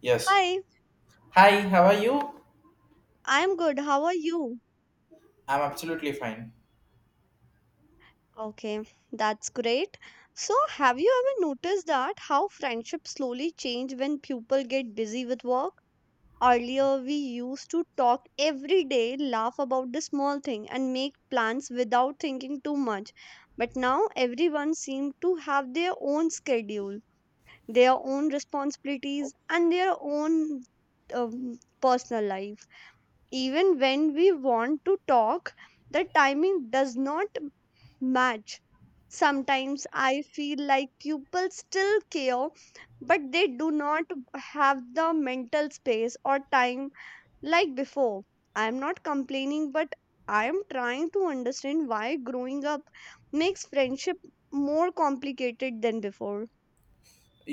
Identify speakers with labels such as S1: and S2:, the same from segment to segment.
S1: Yes.
S2: Hi,
S1: Hi, how are you?
S2: I'm good. How are you?
S1: I'm absolutely fine.
S2: Okay, that's great. So, have you ever noticed that how friendships slowly change when people get busy with work? Earlier, we used to talk every day, laugh about the small thing, and make plans without thinking too much. But now, everyone seems to have their own schedule, their own responsibilities, and their own um, personal life. Even when we want to talk, the timing does not match. Sometimes I feel like people still care, but they do not have the mental space or time like before. I am not complaining, but I am trying to understand why growing up makes friendship more complicated than before.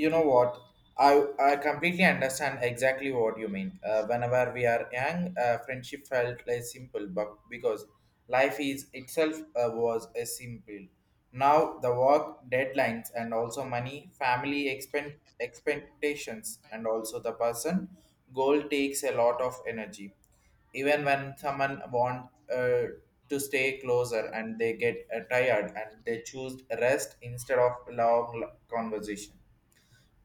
S1: You know what, I completely understand exactly what you mean, whenever we are young, friendship felt less simple but because life is itself was a simple. Now the work deadlines and also money, family expectations and also the person goal takes a lot of energy even when someone want to stay closer, and they get tired and they choose rest instead of long conversation.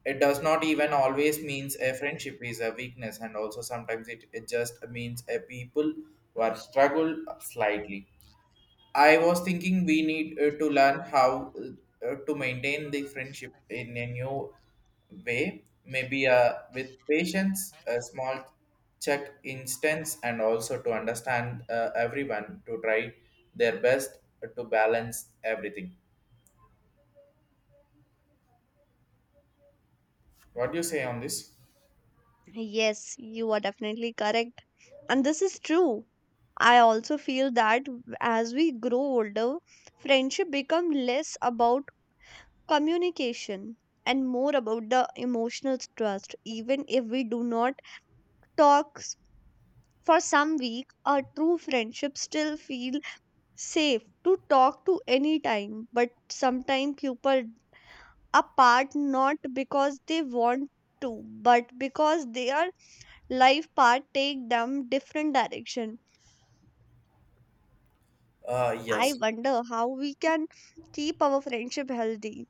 S1: It does not even always means a friendship is a weakness, and also sometimes it just means a people who are struggle slightly. I was thinking we need to learn how to maintain the friendship in a new way, maybe with patience, a small check instance, and also to understand, everyone to try their best to balance everything. What do you say on this?
S2: Yes, you are definitely correct. And this is true. I also feel that as we grow older, friendship become less about communication and more about the emotional trust. Even if we do not talk for some week, a true friendship still feel safe to talk to any time. But sometimes people apart not because they want to, but because they are life path take them different direction. I
S1: Yes.
S2: wonder how we can keep our friendship healthy.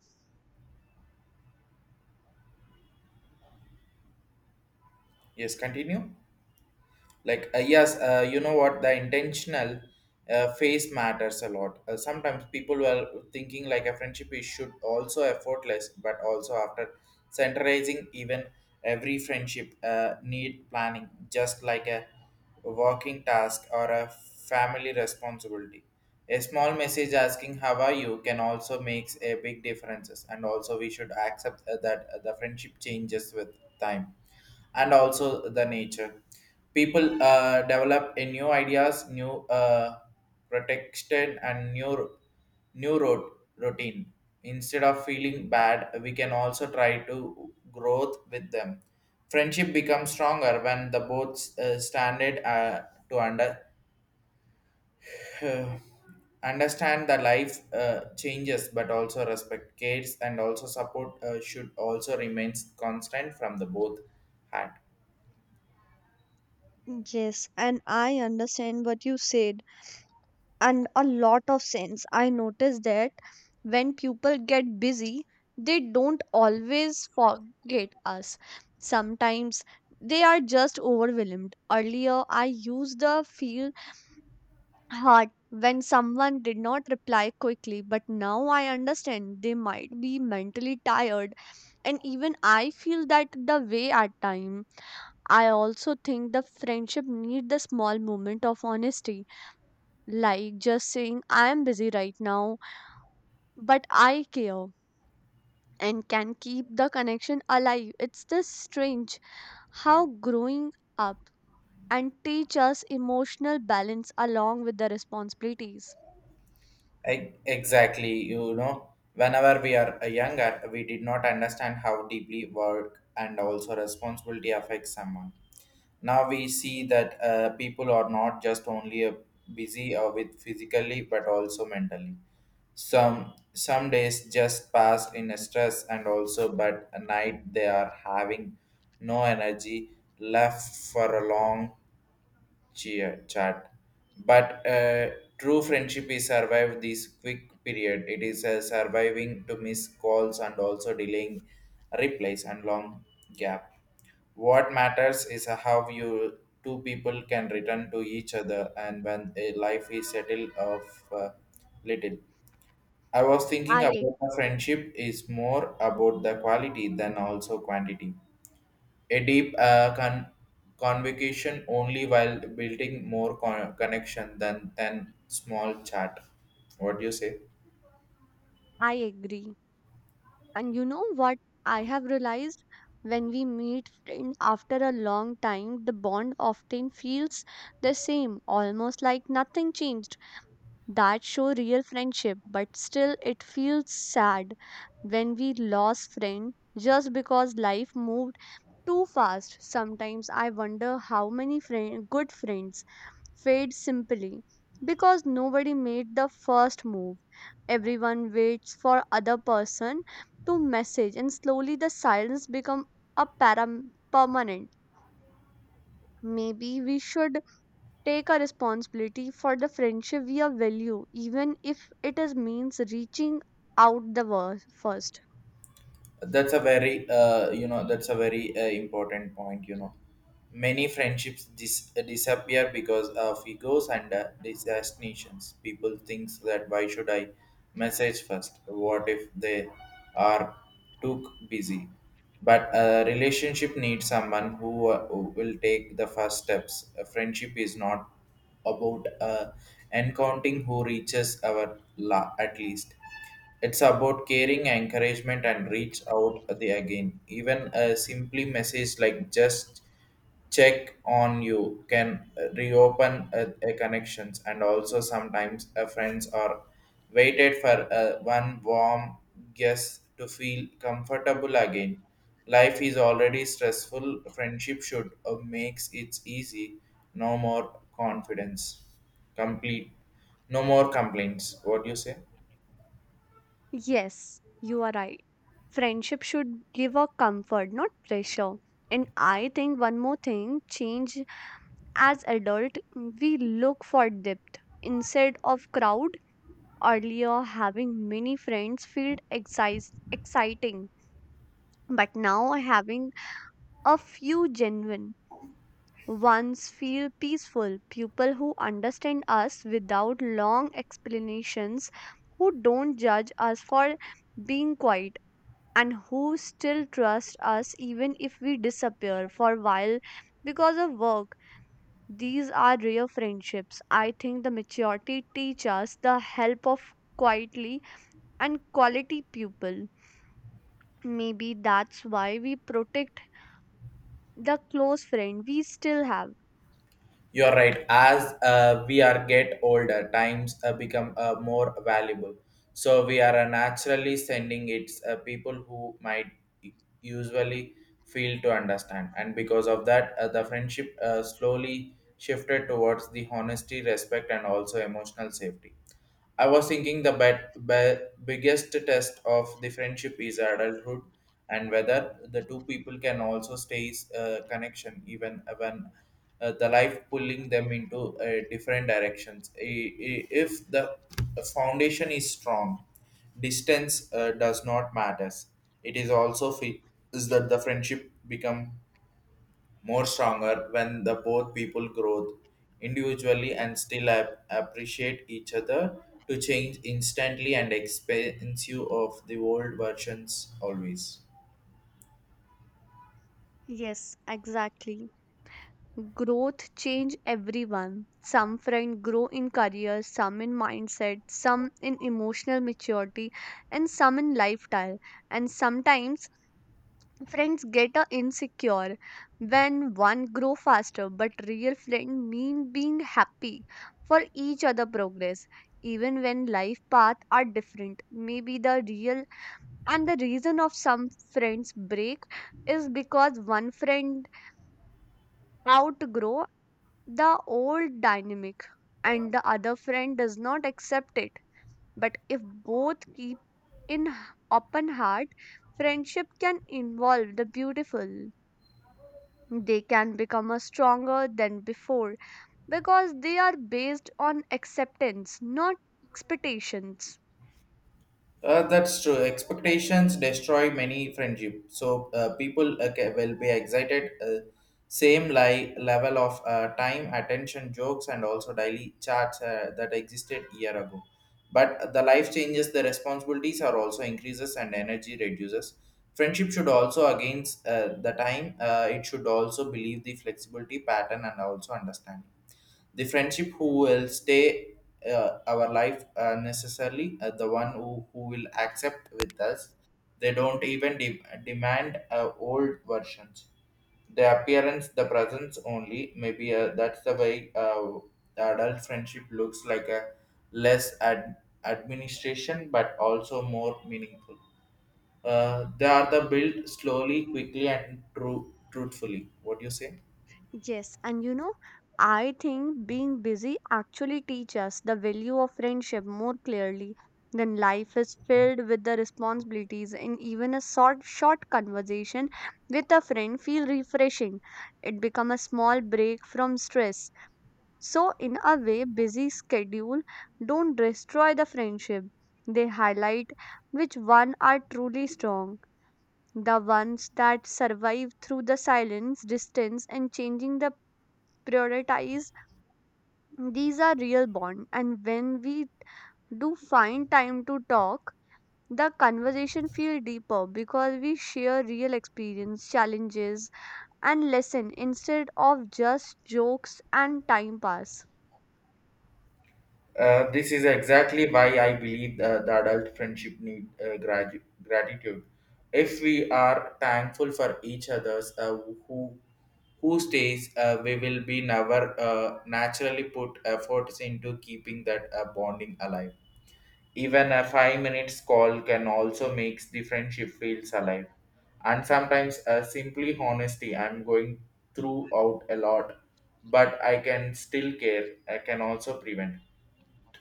S1: Yes, continue. Like, yes, you know what, the intentional face matters a lot. Sometimes people were thinking like a friendship is should also effortless, but also after centralizing even every friendship need planning, just like a working task or a family responsibility. A small message asking how are you can also makes a big differences, and also we should accept that the friendship changes with time and also the nature. People develop a new ideas, new, protection, and new road routine. Instead of feeling bad, we can also try to growth with them. Friendship becomes stronger when the both standard to under understand the life changes, but also respect, cares, and also support should also remains constant from the both hand.
S2: Yes, and I understand what you said. And a lot of sense. I noticed that when people get busy, they don't always forget us. Sometimes they are just overwhelmed. Earlier, I used the feel hurt when someone did not reply quickly, but now I understand they might be mentally tired. And even I feel that the way at time I also think the friendship need the small moment of honesty, like just saying I am busy right now, but I care and can keep the connection alive. It's this strange how growing up and teach us emotional balance along with the responsibilities.
S1: Exactly, you know, whenever we are younger, we did not understand how deeply work and also responsibility affects someone. Now we see that people are not just only busy with physically but also mentally. Some days just pass in a stress and also, but at night they are having no energy left for a long cheer chat, but true friendship is survive this quick period. It is surviving to miss calls and also delaying replies and long gap. What matters is how you two people can return to each other, and when a life is settled of uh, little. I was thinking
S2: I ag-
S1: about the friendship is more about the quality than also quantity. A deep convocation only while building more connection than small chat. What do you say?
S2: I agree. And you know what, I have realized when we meet friends after a long time, the bond often feels the same, almost like nothing changed. That show real friendship, but still it feels sad when we lost friend just because life moved too fast. Sometimes I wonder how many friend, good friends fade simply because nobody made the first move. Everyone waits for other person to message and slowly the silence become a param- permanent. Maybe we should take a responsibility for the friendship we are value, even if it is means reaching out the first.
S1: That's a very you know, that's a very important point, you know. Many friendships disappear because of egos and destinations. People thinks that why should I message first, what if they are too busy? But a relationship needs someone who will take the first steps. A friendship is not about encountering who reaches our at least. It's about caring, encouragement, and reach out the again. Even a simply message like just check on you can reopen a connections, and also sometimes a friends are waited for a one warm guest to feel comfortable again. Life is already stressful, friendship should makes it easy. No more confidence, complete, no more complaints. What do you say?
S2: Yes, you are right. Friendship should give a comfort, not pressure. And I think one more thing change as adult, we look for depth instead of crowd. Earlier, having many friends felt exciting, but now having a few genuine ones feel peaceful. People who understand us without long explanations, who don't judge us for being quiet, and who still trust us even if we disappear for a while because of work. These are real friendships. I think the maturity teach us the help of quietly and quality people. Maybe that's why we protect the close friend we still have.
S1: You're right. As we are get older, times become more valuable. So we are naturally sending it people who might usually fail to understand, and because of that, the friendship slowly shifted towards the honesty, respect, and also emotional safety. I was thinking the biggest test of the friendship is adulthood, and whether the two people can also stay connection even when the life pulling them into different directions. If the foundation is strong, distance does not matters. It is also is that the friendship become more stronger when the both people grow individually and still appreciate each other to change instantly and expensive of the world versions always.
S2: Yes, exactly. Growth change everyone. Some friend grow in career, some in mindset, some in emotional maturity, and some in lifestyle. And sometimes friends get a insecure when one grow faster, but real friend mean being happy for each other progress. Even when life path are different, maybe the real and the reason of some friends break is because one friend outgrow the old dynamic and the other friend does not accept it. But if both keep in h- open heart, friendship can involve the beautiful. They can become a stronger than before because they are based on acceptance, not expectations.
S1: That's true. Expectations destroy many friendship. So people will be excited. Same level of time, attention, jokes, and also daily chats that existed year ago. But the life changes, the responsibilities are also increases, and energy reduces. Friendship should also against the time. It should also believe the flexibility pattern and also understanding. The friendship who will stay our life necessarily, the one who will accept with us. They don't even demand old versions. The appearance, the presence only. Maybe that's the way the adult friendship looks like a less administration, but also more meaningful. They are the built slowly, quickly, and truthfully. What do you say?
S2: Yes, and you know, I think being busy actually teaches us the value of friendship more clearly. Then life is filled with the responsibilities, and even a short conversation with a friend feel refreshing. It becomes a small break from stress. So, in a way, busy schedule don't destroy the friendship. They highlight which one are truly strong, the ones that survive through the silence, distance, and changing the prioritize. These are real bond, and when we do find time to talk, the conversation feel deeper because we share real experience, challenges, and lesson instead of just jokes and time pass.
S1: This is exactly why I believe the adult friendship need gratitude. If we are thankful for each other's, who stays, we will be never naturally put efforts into keeping that bonding alive. Even a 5 minutes call can also makes the friendship feels alive. And sometimes, simply honesty, I'm going throughout a lot, but I can still care. I can also prevent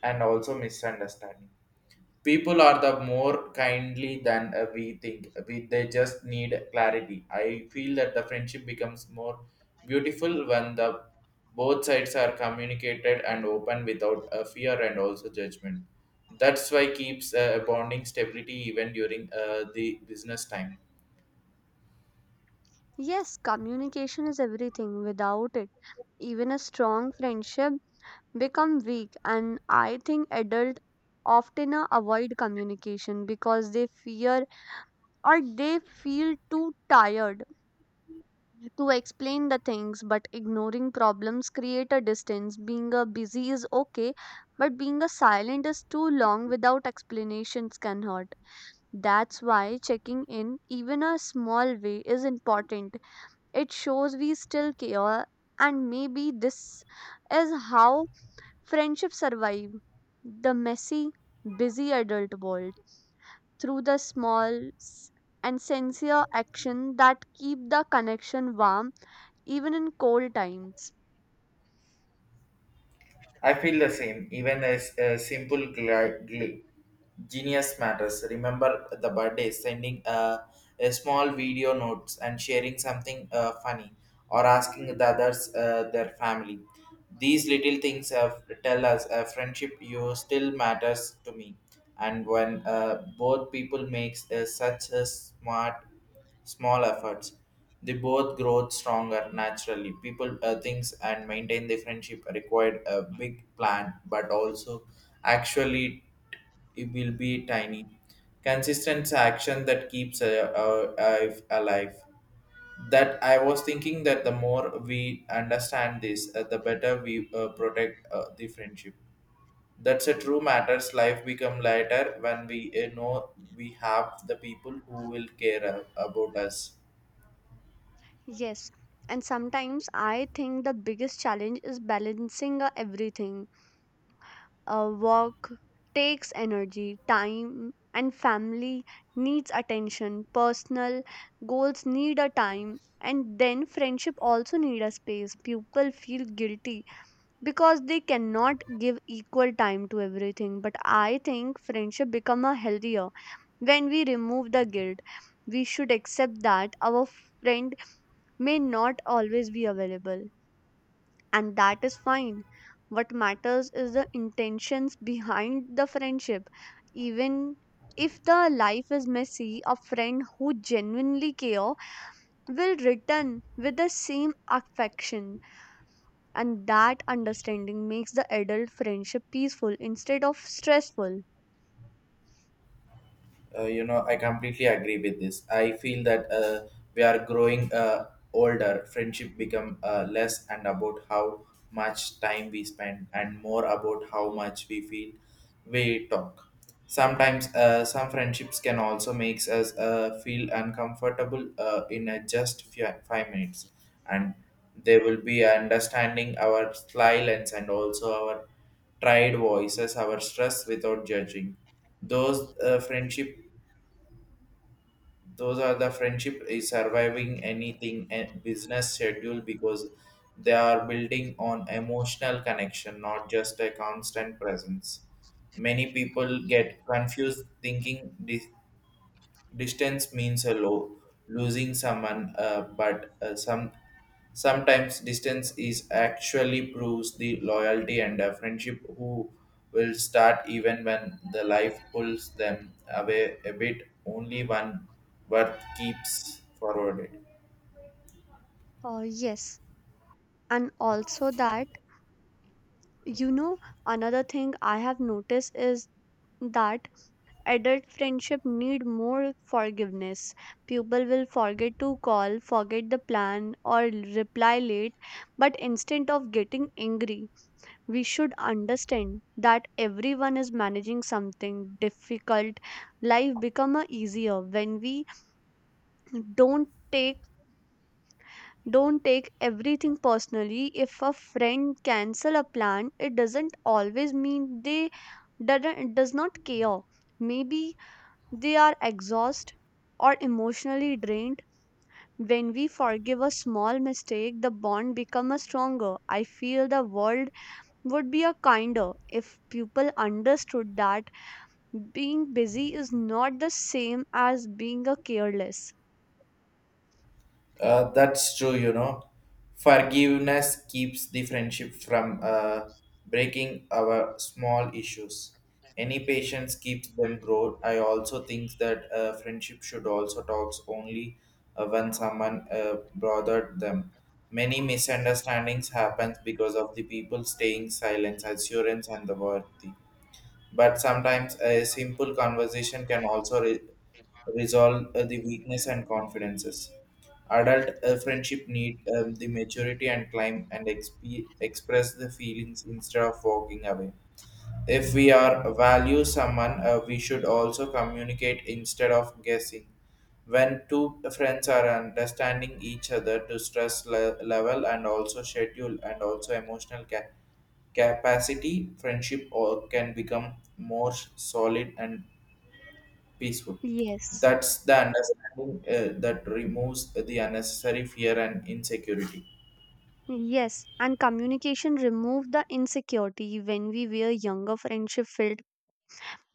S1: and also misunderstanding. People are the more kindly than we think, they just need clarity. I feel that the friendship becomes more beautiful when the both sides are communicated and open without fear and also judgment. That's why keeps bonding stability even during the business time.
S2: Yes, communication is everything. Without it, even a strong friendship become weak. And I think adults often avoid communication because they fear or they feel too tired to explain the things, but ignoring problems create a distance. Being a busy is okay, but being a silent is too long without explanations can hurt. That's why checking in even a small way is important. It shows we still care. And maybe this is how friendships survive the messy, busy adult world through the and sincere action that keep the connection warm even in cold times.
S1: I feel the same. Even as a simple genius matters. Remember the birthday, sending a small video notes, and sharing something funny or asking the others their family. These little things have tell us a friendship you still matters to me. And when both people makes such a smart small efforts. They both grow stronger naturally. People, things, and maintain the friendship required a big plan, but also actually it will be tiny. Consistent action that keeps alive. That I was thinking that the more we understand this, the better we protect the friendship. That's a true matters. Life become lighter when we know we have the people who will care about us.
S2: Yes, and sometimes I think the biggest challenge is balancing everything. Work takes energy, time, and family needs attention. Personal goals need a time, and then friendship also need a space. People feel guilty because they cannot give equal time to everything. But I think friendship become a healthier when we remove the guilt. We should accept that our friend may not always be available, and that is fine. What matters is the intentions behind the friendship. Even if the life is messy, a friend who genuinely cares will return with the same affection, and that understanding makes the adult friendship peaceful instead of stressful.
S1: You know, I completely agree with this. I feel that we are growing older. Friendship become less and about how much time we spend, and more about how much we feel we talk. Sometimes some friendships can also makes us feel uncomfortable in a just few, 5 minutes, and they will be understanding our silence and also our tried voices, our stress without judging those friendship. Those are the friendship is surviving anything and business schedule because they are building on emotional connection, not just a constant presence. Many people get confused thinking this. Distance means a low, losing someone, but sometimes distance is actually proves the loyalty, and friendship who will start even when the life pulls them away a bit. Only one worth keeps forwarded.
S2: Oh, yes, and also that, you know, another thing I have noticed is that adult friendship need more forgiveness. People will forget to call, forget the plan, or reply late. But instead of getting angry, we should understand that everyone is managing something difficult. Life become a easier when we don't take don't take everything personally. If a friend cancel a plan, it doesn't always mean they does not care. Maybe they are exhausted or emotionally drained. When we forgive a small mistake, the bond becomes stronger. I feel the world would be a kinder if people understood that being busy is not the same as being a careless.
S1: That's true, you know. Forgiveness keeps the friendship from breaking our small issues. Any patience keeps them grow. I also think that friendship should also talks only when someone bothered them. Many misunderstandings happen because of the people staying silent, assurance, and the worthy. But sometimes a simple conversation can also resolve the weakness and confidences. Adult friendship need the maturity and climb and express the feelings instead of walking away. If we are value someone, we should also communicate instead of guessing. When two friends are understanding each other to stress level and also schedule and also emotional capacity, friendship or can become more solid and peaceful.
S2: Yes.
S1: That's the understanding that removes the unnecessary fear and insecurity.
S2: Yes, and communication removed the insecurity. When we were younger, friendship felt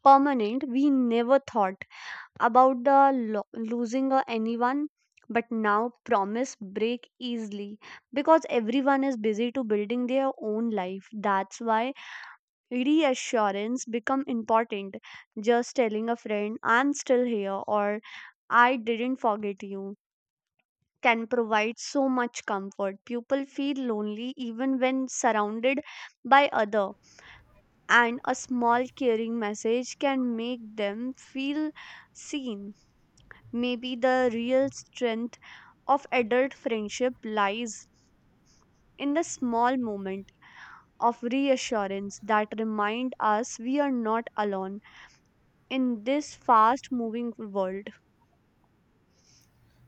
S2: permanent. We never thought about the losing anyone. But now promise break easily because everyone is busy to building their own life. That's why reassurance become important. Just telling a friend I'm still here or I didn't forget you can provide so much comfort. People feel lonely even when surrounded by other, and a small caring message can make them feel seen. Maybe the real strength of adult friendship lies in the small moment of reassurance that remind us we are not alone in this fast moving world.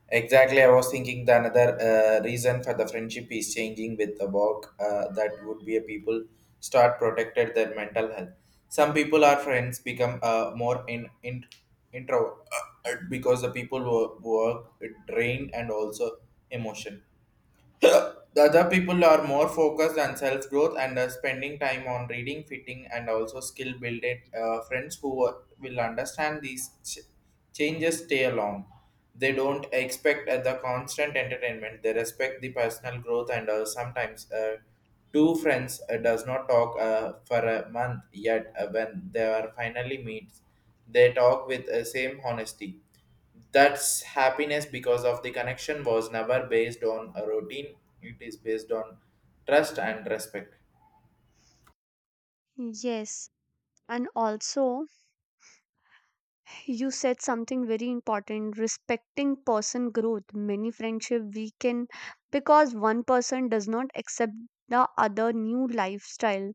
S1: Exactly, I was thinking the another reason for the friendship is changing with the work that would be a people start protected their mental health. Some people are friends become more in introvert because the people work drained and also emotion. The other people are more focused on self growth and are spending time on reading, fitting, and also skill building. Friends who will understand these changes stay along. They don't expect the constant entertainment. They respect the personal growth, and sometimes two friends does not talk for a month. Yet when they are finally meet, they talk with the same honesty. That's happiness because of the connection was never based on a routine, it is based on trust and respect.
S2: Yes, and also, you said something very important, respecting person growth. Many friendship weaken because one person does not accept the other new lifestyle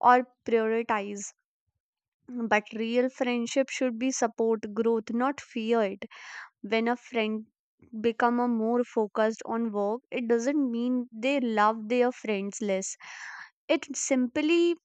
S2: or prioritize. But real friendship should be support growth, not fear it. When a friend become a more focused on work, it doesn't mean they love their friends less. It simply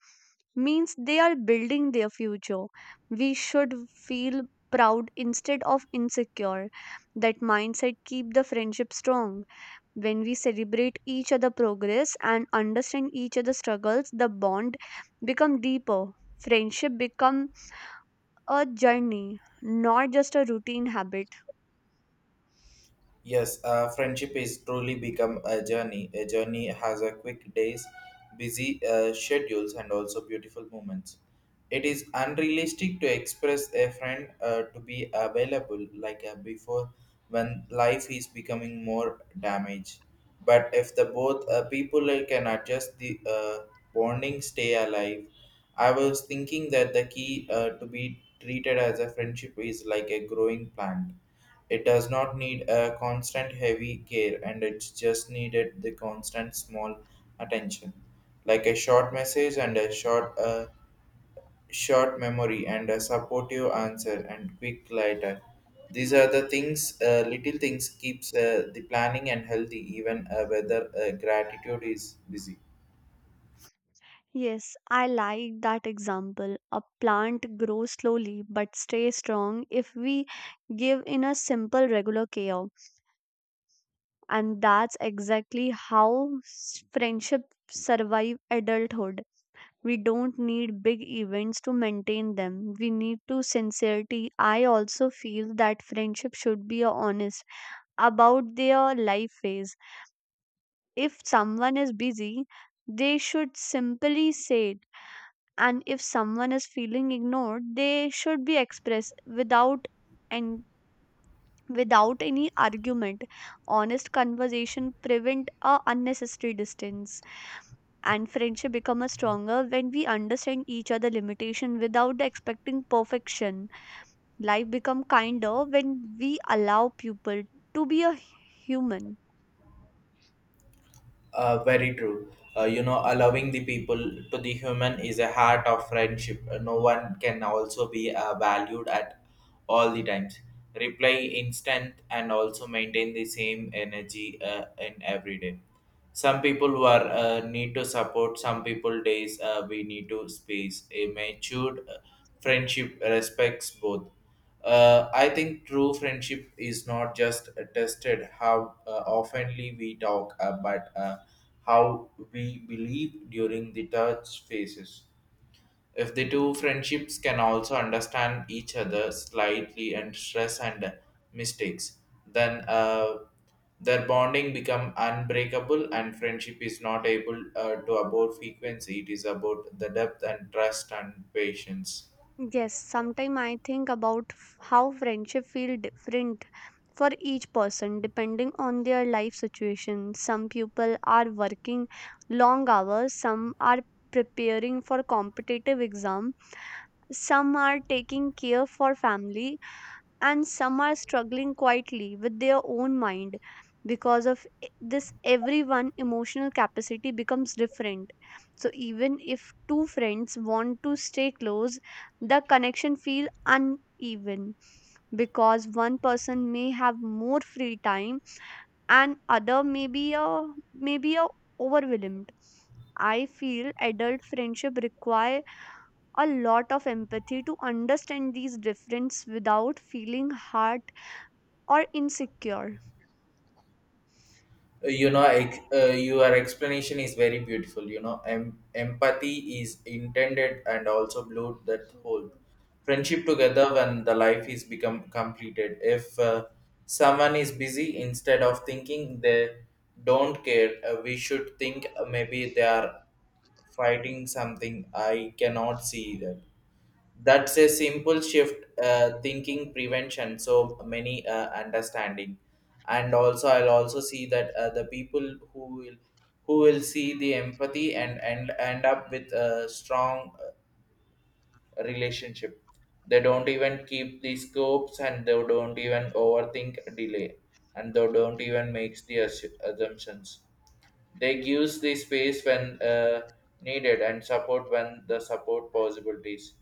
S2: means they are building their future. We should feel proud instead of insecure. That mindset keep the friendship strong. When we celebrate each other progress and understand each other's struggles, the bond become deeper. Friendship become a journey, not just a routine habit.
S1: Yes, friendship is truly become a journey, a journey has a quick days, busy schedules and also beautiful moments. It is unrealistic to express a friend to be available like before, when life is becoming more damaged. But if the both people can adjust the bonding stay alive. I was thinking that the key to be treated as a friendship is like a growing plant. It does not need a constant heavy care, and it just needed the constant small attention. Like a short message and a short short memory and a supportive answer and quick lighter. These are the things, little things keeps the planning and healthy even whether gratitude is busy.
S2: Yes, I like that example. A plant grows slowly but stays strong if we give in a simple, regular care. And that's exactly how friendships survive adulthood. We don't need big events to maintain them. We need to sincerity. I also feel that friendship should be honest about their life phase. If someone is busy, they should simply say it. And if someone is feeling ignored, they should be expressed without and without any argument. Honest conversation prevent a unnecessary distance, and friendship become a stronger when we understand each other limitation without expecting perfection. Life become kinder when we allow people to be a human.
S1: Very true. You know, allowing the people to the human is a heart of friendship. No one can also be valued at all the times. Reply instant and also maintain the same energy in every day. Some people who are need to support. Some people days we need to space. A matured friendship respects both. I think true friendship is not just tested how oftenly we talk, but how we believe during the touch phases. If the two friendships can also understand each other slightly and stress and mistakes, then their bonding become unbreakable, and friendship is not able to about frequency. It is about the depth and trust and patience.
S2: Yes, sometimes I think about how friendship feel different for each person depending on their life situation. Some people are working long hours, some are preparing for competitive exam, some are taking care for family, and some are struggling quietly with their own mind. Because of this, everyone emotional capacity becomes different. So even if two friends want to stay close, the connection feel uneven because one person may have more free time and other may be a overwhelmed. I feel adult friendship require a lot of empathy to understand these differences without feeling hurt or insecure.
S1: You know your explanation is very beautiful. You know, empathy is intended and also blue that whole friendship together when the life is become completed. If someone is busy, instead of thinking they don't care, we should think, maybe they are fighting something I cannot see. That that's a simple shift thinking prevention so many understanding. And also I'll also see that the people who will see the empathy and end up with a strong relationship. They don't even keep the scopes, and they don't even overthink delay, and they don't even makes the assumptions. They gives the space when needed, and support when the support possibilities.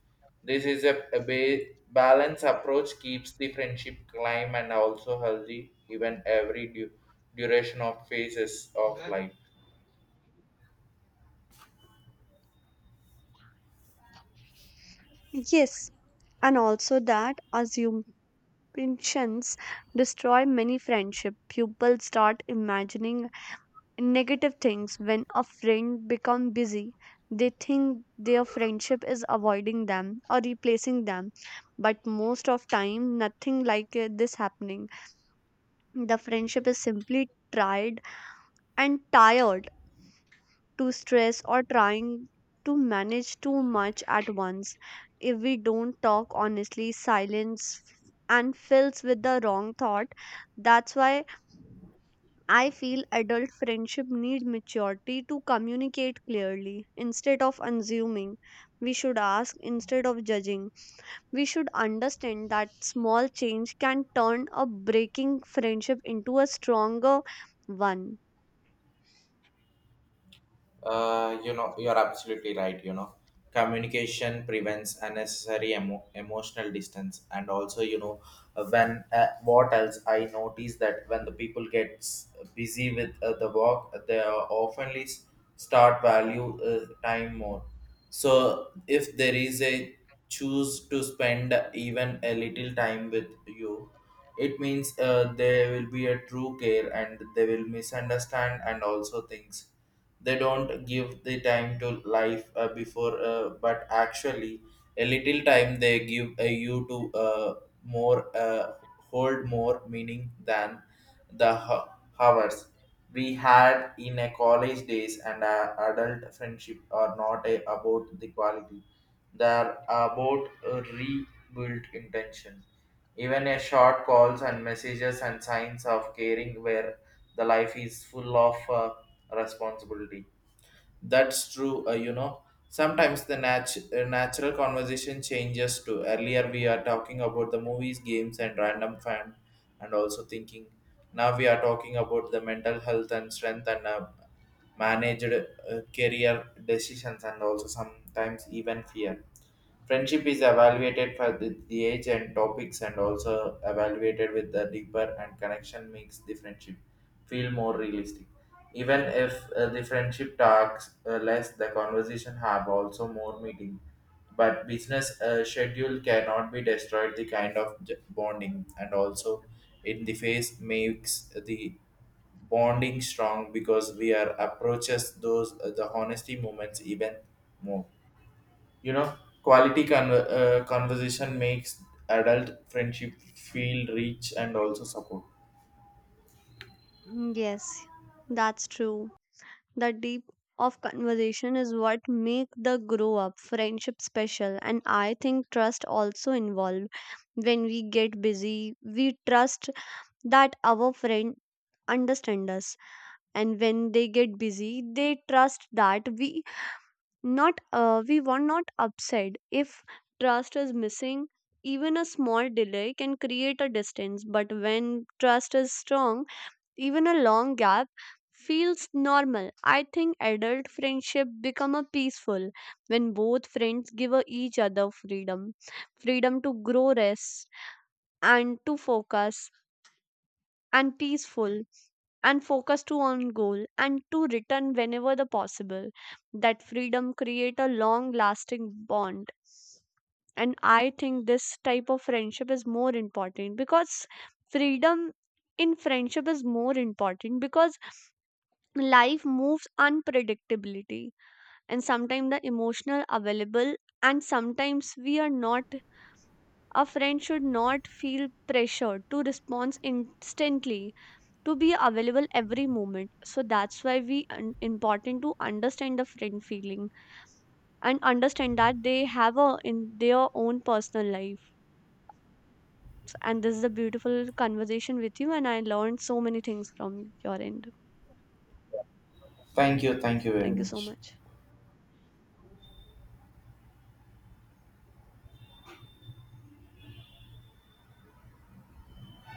S1: This is a balanced approach keeps the friendship climb and also healthy even every duration of phases of life.
S2: Yes, and also that assumptions destroy many friendships. People start imagining negative things when a friend become busy. They think their friendship is avoiding them or replacing them. But most of time nothing like this happening. The friendship is simply tried and tired to stress or trying to manage too much at once. If we don't talk honestly, silence and fills with the wrong thought. That's why I feel adult friendship need maturity to communicate clearly instead of assuming. We should ask instead of judging. We should understand that small change can turn a breaking friendship into a stronger one.
S1: You know, you're absolutely right. You know, communication prevents unnecessary emotional distance, and also, you know, when what else I notice that when the people gets busy with the work, they oftenly start value time more. So, if there is a choose to spend even a little time with you, it means there will be a true care, and they will misunderstand and also things they don't give the time to life before, but actually a little time they give you to more hold more meaning than the hours we had in a college days. And adult friendship are not about the quality, they are about a rebuilt intention. Even a short calls and messages and signs of caring where the life is full of responsibility. That's true, you know. Sometimes the natural conversation changes to earlier we are talking about the movies, games, and random fan, and also thinking. Now we are talking about the mental health and strength and managed career decisions, and also sometimes even fear. Friendship is evaluated for the age and topics, and also evaluated with the deeper and connection makes the friendship feel more realistic. Even if the friendship talks less, the conversation have also more meaning. But business schedule cannot be destroyed the kind of bonding, and also in the face makes the bonding strong because we are approaches those the honesty moments even more. You know, quality conversation makes adult friendship feel rich and also support.
S2: Mm, yes, that's true. The deep of conversation is what make the grow up friendship special, and I think trust also involved. When we get busy, we trust that our friend understand us, and when they get busy, they trust that we not we were not upset. If trust is missing, even a small delay can create a distance. But when trust is strong, even a long gap feels normal. I think adult friendship become a peaceful when both friends give a each other freedom, freedom to grow, rest, and to focus, and peaceful and focus to on goal, and to return whenever the possible. That freedom create a long lasting bond. And I think this type of friendship is more important because freedom in friendship is more important because life moves unpredictability. And sometimes the emotional available, and sometimes we are not. A friend should not feel pressured to respond instantly, to be available every moment. So that's why we important to understand the friend feeling and understand that they have a in their own personal life. And this is a beautiful conversation with you, and I learned so many things from your end.
S1: Thank you. Thank you very
S2: Thank you so
S1: much.
S2: much.